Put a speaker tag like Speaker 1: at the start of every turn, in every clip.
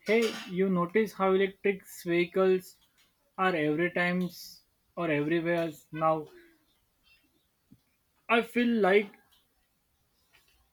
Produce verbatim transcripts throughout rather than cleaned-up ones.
Speaker 1: Hey, you notice how electric vehicles are every times or everywhere now? I feel like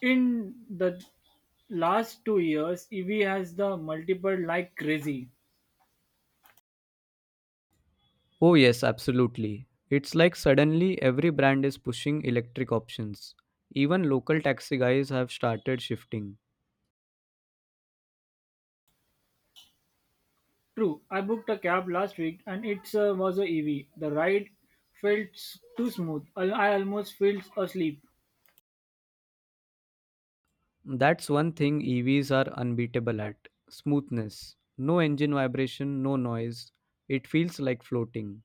Speaker 1: in the last two years, E V has the multiple like crazy.
Speaker 2: Oh, yes, absolutely. It's like suddenly every brand is pushing electric options. Even local taxi guys have started shifting.
Speaker 1: True, I booked a cab last week and it uh, was a E V. The ride felt s- too smooth. I, I almost fell asleep.
Speaker 2: That's one thing E Vs are unbeatable at smoothness. No engine vibration, no noise. It feels like floating.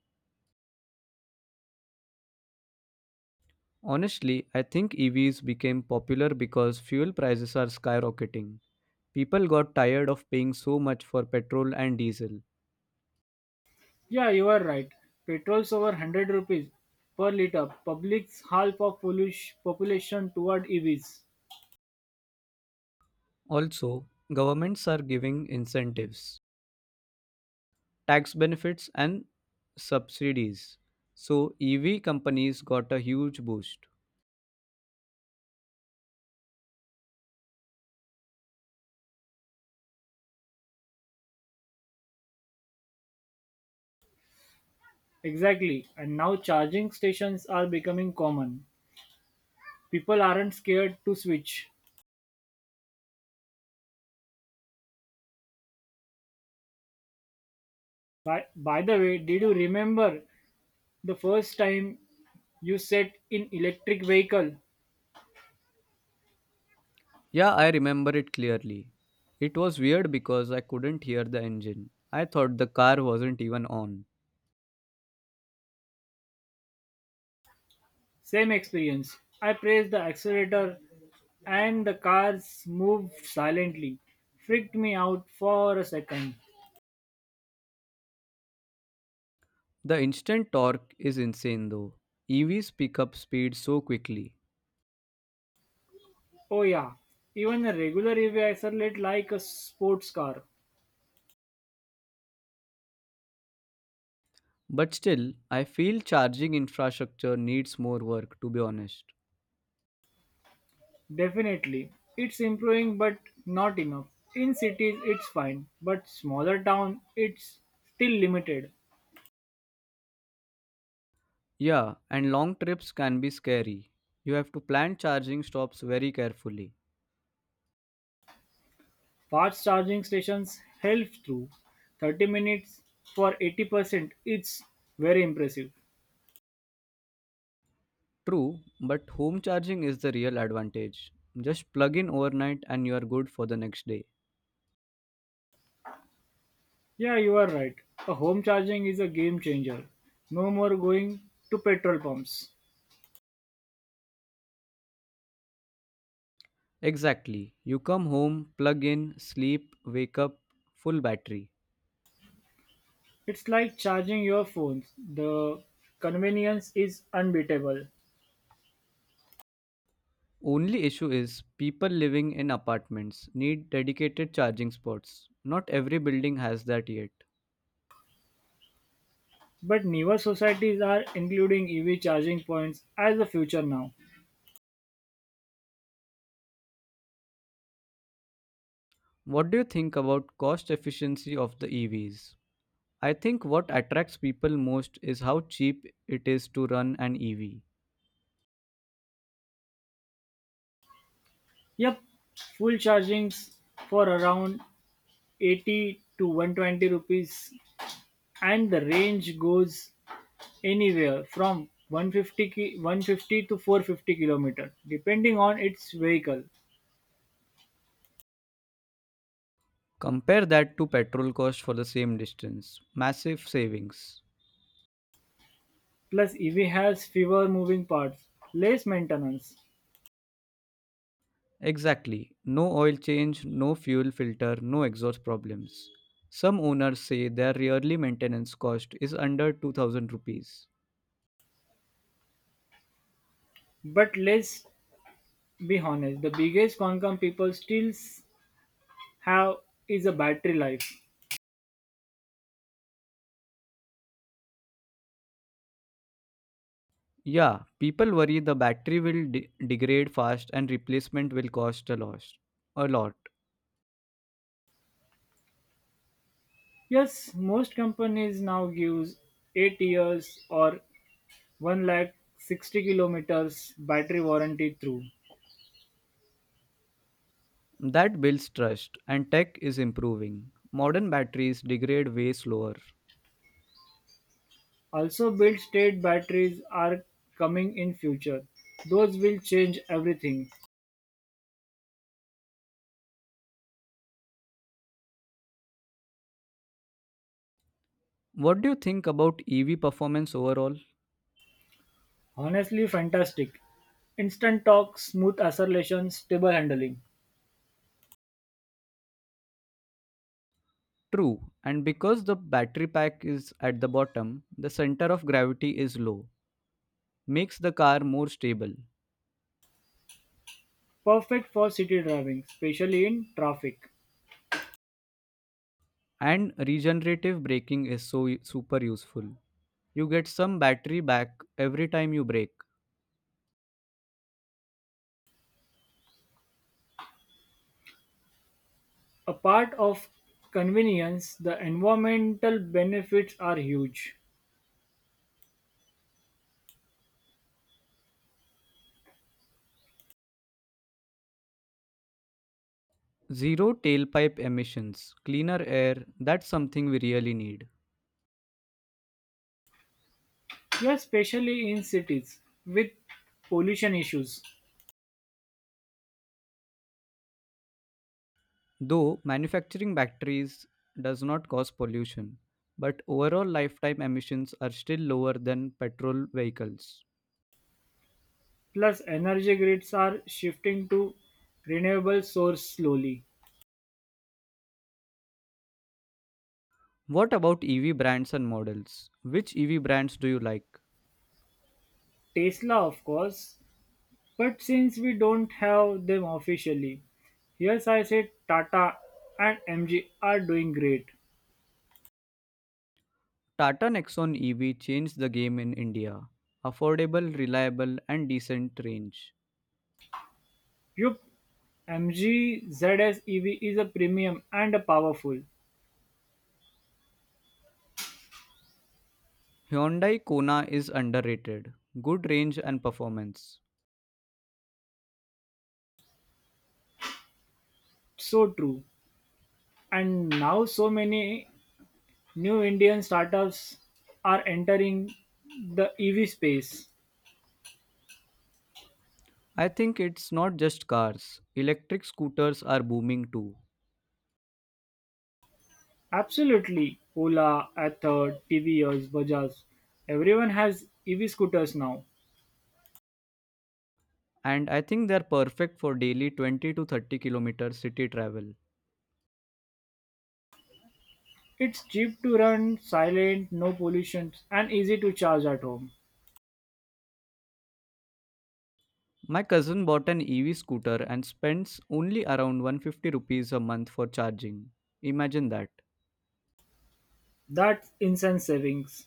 Speaker 2: Honestly, I think E Vs became popular because fuel prices are skyrocketing. People got tired of paying so much for petrol and diesel.
Speaker 1: Yeah, you are right. Petrol's over one hundred rupees per liter. Public's half of pollution, population toward E Vs.
Speaker 2: Also, governments are giving incentives, tax benefits, and subsidies. So E V companies got a huge boost.
Speaker 1: Exactly, and now charging stations are becoming common. People aren't scared to switch. By, by the way, did you remember the first time you sat in electric vehicle?
Speaker 2: Yeah, I remember it clearly. It was weird because I couldn't hear the engine. I thought the car wasn't even on.
Speaker 1: Same experience. I pressed the accelerator and the cars moved silently. Freaked me out for a second.
Speaker 2: The instant torque is insane though. E Vs pick up speed so quickly.
Speaker 1: Oh yeah, even a regular E V accelerates like a sports car.
Speaker 2: But still, I feel charging infrastructure needs more work, to be honest.
Speaker 1: Definitely. It's improving but not enough. In cities it's fine, but smaller town it's still limited.
Speaker 2: Yeah, and long trips can be scary. You have to plan charging stops very carefully.
Speaker 1: Fast charging stations help through thirty minutes for eighty percent. It's very impressive.
Speaker 2: True, but home charging is the real advantage. Just plug in overnight and you are good for the next day.
Speaker 1: Yeah, you are right. A home charging is a game changer. No more going to petrol pumps.
Speaker 2: Exactly. You come home, plug in, sleep, wake up, full battery.
Speaker 1: It's like charging your phones. The convenience is unbeatable.
Speaker 2: Only issue is people living in apartments need dedicated charging spots. Not every building has that yet.
Speaker 1: But newer societies are including E V charging points as the future now.
Speaker 2: What do you think about cost efficiency of the E Vs? I think what attracts people most is how cheap it is to run an E V.
Speaker 1: Yep, full chargings for around eighty to one hundred twenty rupees and the range goes anywhere from one hundred fifty ki- one hundred fifty to four hundred fifty kilometer depending on its vehicle.
Speaker 2: Compare that to petrol cost for the same distance. Massive savings.
Speaker 1: Plus E V has fewer moving parts, less maintenance,
Speaker 2: Exactly. No oil change, no fuel filter, no exhaust problems. Some owners say their yearly maintenance cost is under two thousand rupees.
Speaker 1: but let's be honest, the biggest concern people still s- have is a battery life.
Speaker 2: Yeah, people worry the battery will de- degrade fast and replacement will cost a lot. A lot.
Speaker 1: Yes, most companies now gives eight years or one lakh sixty kilometers battery warranty through.
Speaker 2: That builds trust and tech is improving. Modern batteries degrade way slower.
Speaker 1: Also build state batteries are coming in future. Those will change everything.
Speaker 2: What do you think about E V performance overall?
Speaker 1: Honestly fantastic. Instant torque, smooth acceleration, stable handling.
Speaker 2: True, and because the battery pack is at the bottom, the center of gravity is low, makes the car more stable.
Speaker 1: Perfect for city driving, especially in traffic.
Speaker 2: And regenerative braking is so super useful. You get some battery back every time you brake.
Speaker 1: Apart of convenience, the environmental benefits are huge.
Speaker 2: Zero tailpipe emissions, cleaner air, that's something we really need.
Speaker 1: Yeah, especially in cities with pollution issues.
Speaker 2: Though manufacturing batteries does not cause pollution, but overall lifetime emissions are still lower than petrol vehicles.
Speaker 1: Plus, energy grids are shifting to renewable source slowly.
Speaker 2: What about E V brands and models? Which E V brands do you like?
Speaker 1: Tesla, of course, but since we don't have them officially, here's I said Tata and M G are doing great.
Speaker 2: Tata Nexon E V changed the game in India. Affordable, reliable, and decent range.
Speaker 1: Yup, MG ZS E V is a premium and a powerful.
Speaker 2: Hyundai Kona is underrated. Good range and performance.
Speaker 1: So true. And now so many new Indian startups are entering the E V space.
Speaker 2: I think it's not just cars. Electric scooters are booming too.
Speaker 1: Absolutely. Ola, Ather, T V S, Bajaj. Everyone has E V scooters now.
Speaker 2: And I think they're perfect for daily twenty to thirty kilometer city travel.
Speaker 1: It's cheap to run, silent, no pollution, and easy to charge at home.
Speaker 2: My cousin bought an E V scooter and spends only around one hundred fifty rupees a month for charging. Imagine that.
Speaker 1: That's insane savings.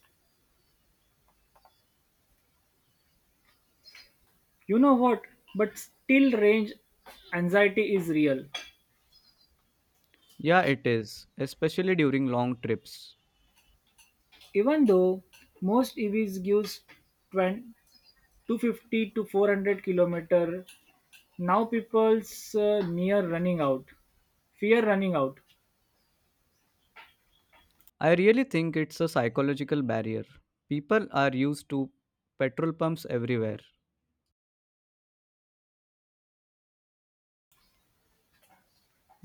Speaker 1: You know what? But still range anxiety is real.
Speaker 2: Yeah, it is, especially during long trips.
Speaker 1: Even though most E Vs gives twenty, two hundred fifty to four hundred kilometer, now people's uh, near running out. Fear running out.
Speaker 2: I really think it's a psychological barrier. People are used to petrol pumps everywhere.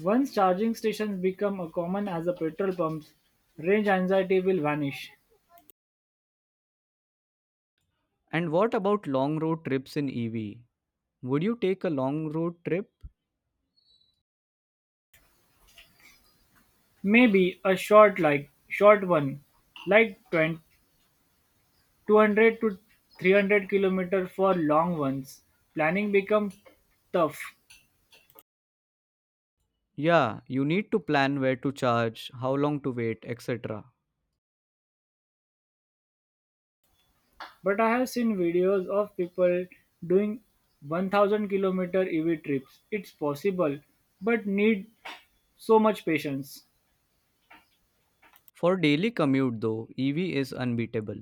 Speaker 1: Once charging stations become as common as the petrol pumps, range anxiety will vanish.
Speaker 2: And what about long road trips in E V? Would you take a long road trip?
Speaker 1: Maybe a short like short one, like twenty, two hundred to three hundred kilometer for long ones. Planning becomes tough,
Speaker 2: Yeah, you need to plan where to charge, how long to wait, et cetera.
Speaker 1: but I have seen videos of people doing one thousand kilometer E V trips. It's possible, but need so much patience.
Speaker 2: For daily commute though, E V is unbeatable.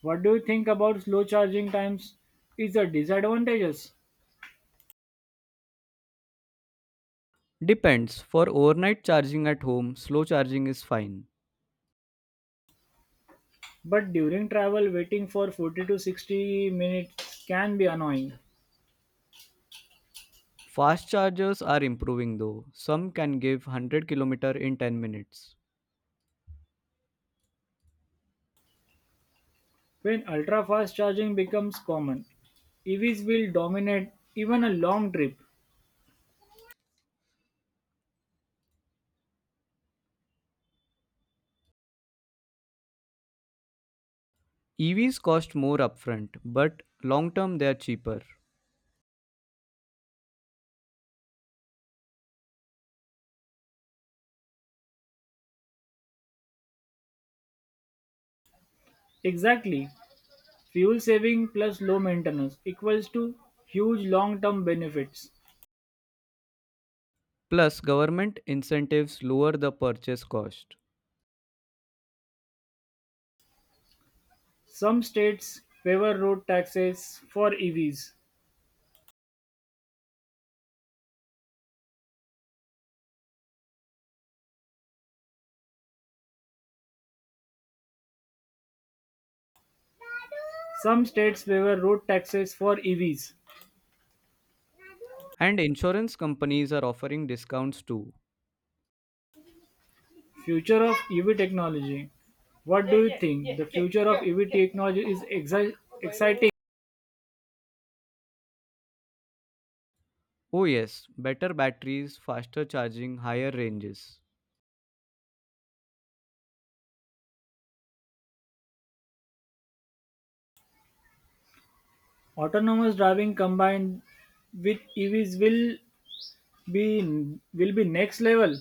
Speaker 1: What do you think about slow charging times? Is a disadvantages?
Speaker 2: Depends. For overnight charging at home, slow charging is fine.
Speaker 1: But during travel, waiting for forty to sixty minutes can be annoying.
Speaker 2: Fast chargers are improving though. Some can give one hundred kilometers in ten minutes.
Speaker 1: When ultra fast charging becomes common, E Vs will dominate even a long trip.
Speaker 2: E Vs cost more upfront, but long term they are cheaper.
Speaker 1: Exactly. Fuel saving plus low maintenance equals to huge long term benefits.
Speaker 2: Plus, government incentives lower the purchase cost.
Speaker 1: Some states favor road taxes for E Vs. Some states favor road taxes for E Vs.
Speaker 2: And insurance companies are offering discounts too.
Speaker 1: Future of E V technology. What do you think? The future of E V technology is exi- exciting.
Speaker 2: Oh, yes, better batteries, faster charging, higher ranges.
Speaker 1: Autonomous driving combined with E Vs will be will be next level.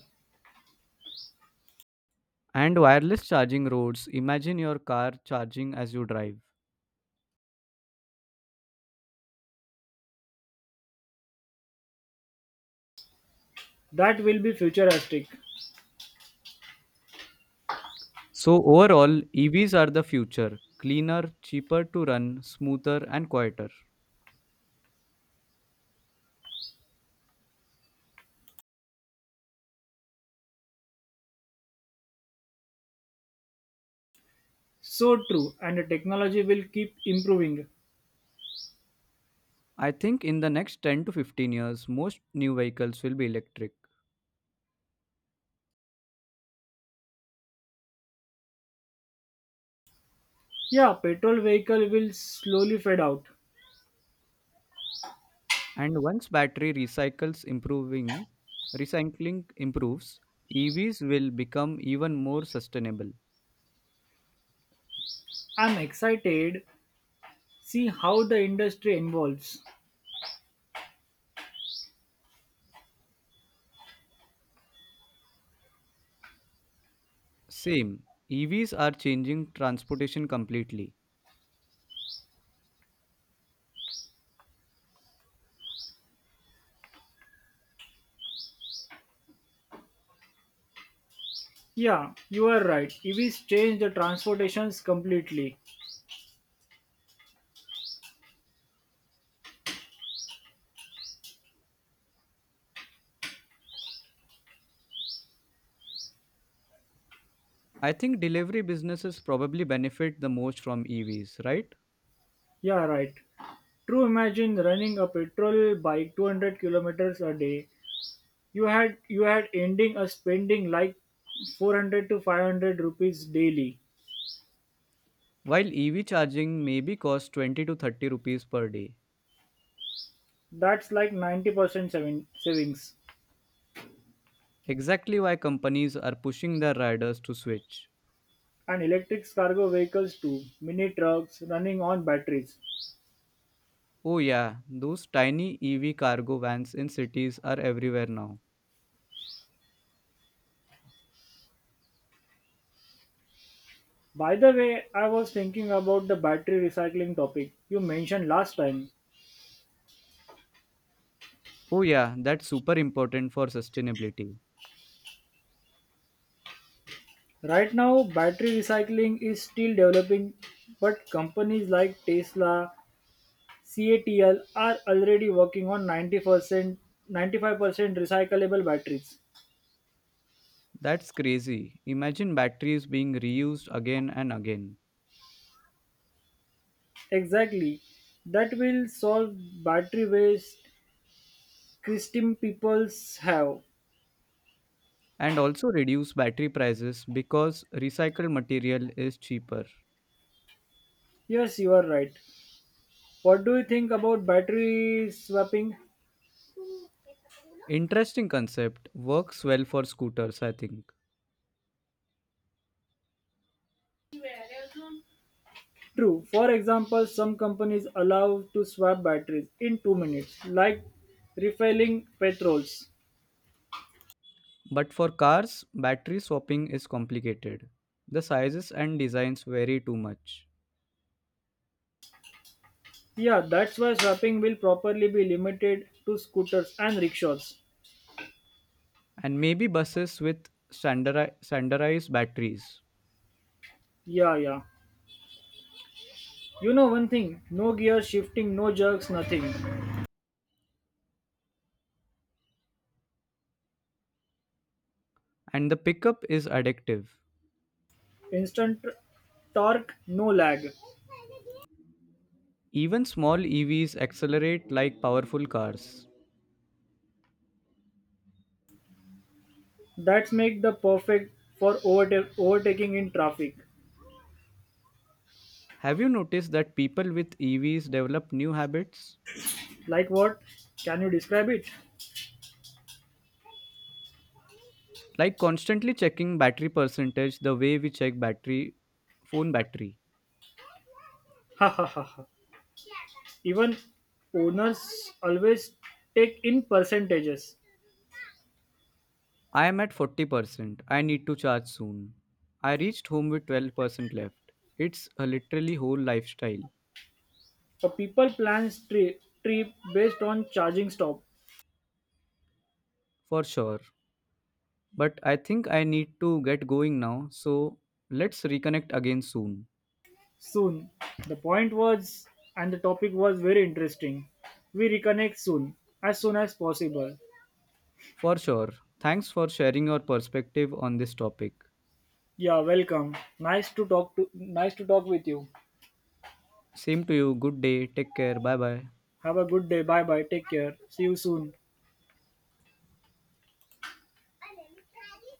Speaker 2: And wireless charging roads, imagine your car charging as you drive.
Speaker 1: That will be futuristic.
Speaker 2: So, overall, E Vs are the future: cleaner, cheaper to run, smoother, and quieter.
Speaker 1: So true, and the technology will keep improving.
Speaker 2: I think in the next ten to fifteen years, most new vehicles will be electric.
Speaker 1: Yeah, petrol vehicle will slowly fade out.
Speaker 2: And once battery recycles improving, recycling improves, E Vs will become even more sustainable.
Speaker 1: I'm excited. See how the industry evolves.
Speaker 2: Same, E Vs are changing transportation completely.
Speaker 1: Yeah, you are right. E Vs change the transportations completely.
Speaker 2: I think delivery businesses probably benefit the most from E Vs, right?
Speaker 1: Yeah, right. True. Imagine running a petrol bike two hundred kilometers a day, you had you had ending a spending like four hundred to five hundred rupees daily.
Speaker 2: While E V charging maybe costs twenty to thirty rupees per day.
Speaker 1: That's like ninety percent saving, savings.
Speaker 2: Exactly why companies are pushing their riders to switch.
Speaker 1: And electric cargo vehicles too, mini trucks running on batteries.
Speaker 2: Oh yeah, those tiny E V cargo vans in cities are everywhere now.
Speaker 1: By the way, I was thinking about the battery recycling topic you mentioned last time.
Speaker 2: Oh, yeah, that's super important for sustainability.
Speaker 1: Right now battery recycling is still developing, but companies like Tesla, CATL are already working on ninety percent, ninety-five percent recyclable batteries.
Speaker 2: That's crazy. Imagine batteries being reused again and again.
Speaker 1: Exactly. That will solve battery waste Christian peoples have.
Speaker 2: And also reduce battery prices because recycled material is cheaper.
Speaker 1: Yes, you are right. What do you think about battery swapping?
Speaker 2: Interesting concept, works well for scooters, I think.
Speaker 1: True. For example, some companies allow to swap batteries in two minutes, like refilling petrols.
Speaker 2: But for cars, battery swapping is complicated. The sizes and designs vary too much.
Speaker 1: Yeah, that's why swapping will properly be limited to scooters and rickshaws.
Speaker 2: And maybe buses with standardi- standardized batteries.
Speaker 1: Yeah, yeah. You know one thing, no gear shifting, no jerks, nothing.
Speaker 2: And the pickup is addictive.
Speaker 1: Instant torque, no lag.
Speaker 2: Even small E Vs accelerate like powerful cars.
Speaker 1: That's make the perfect for overte- overtaking in traffic.
Speaker 2: Have you noticed that people with E Vs develop new habits?
Speaker 1: Like what? Can you describe it?
Speaker 2: Like constantly checking battery percentage the way we check battery phone battery.
Speaker 1: Ha ha ha ha. Even owners always take in percentages.
Speaker 2: I am at forty percent. I need to charge soon. I reached home with twelve percent left. It's a literally whole lifestyle,
Speaker 1: A people plans tri- trip based on charging stop.
Speaker 2: for sure. But I think I need to get going now, so let's reconnect again soon.
Speaker 1: Soon. The point was and the topic was very interesting. We reconnect soon, as soon as possible.
Speaker 2: For sure. Thanks for sharing your perspective on this topic.
Speaker 1: Yeah, welcome. Nice to talk to nice to talk with you.
Speaker 2: Same to you. Good day. Take care. Bye bye.
Speaker 1: Have a good day. Bye bye. Take care. See you soon.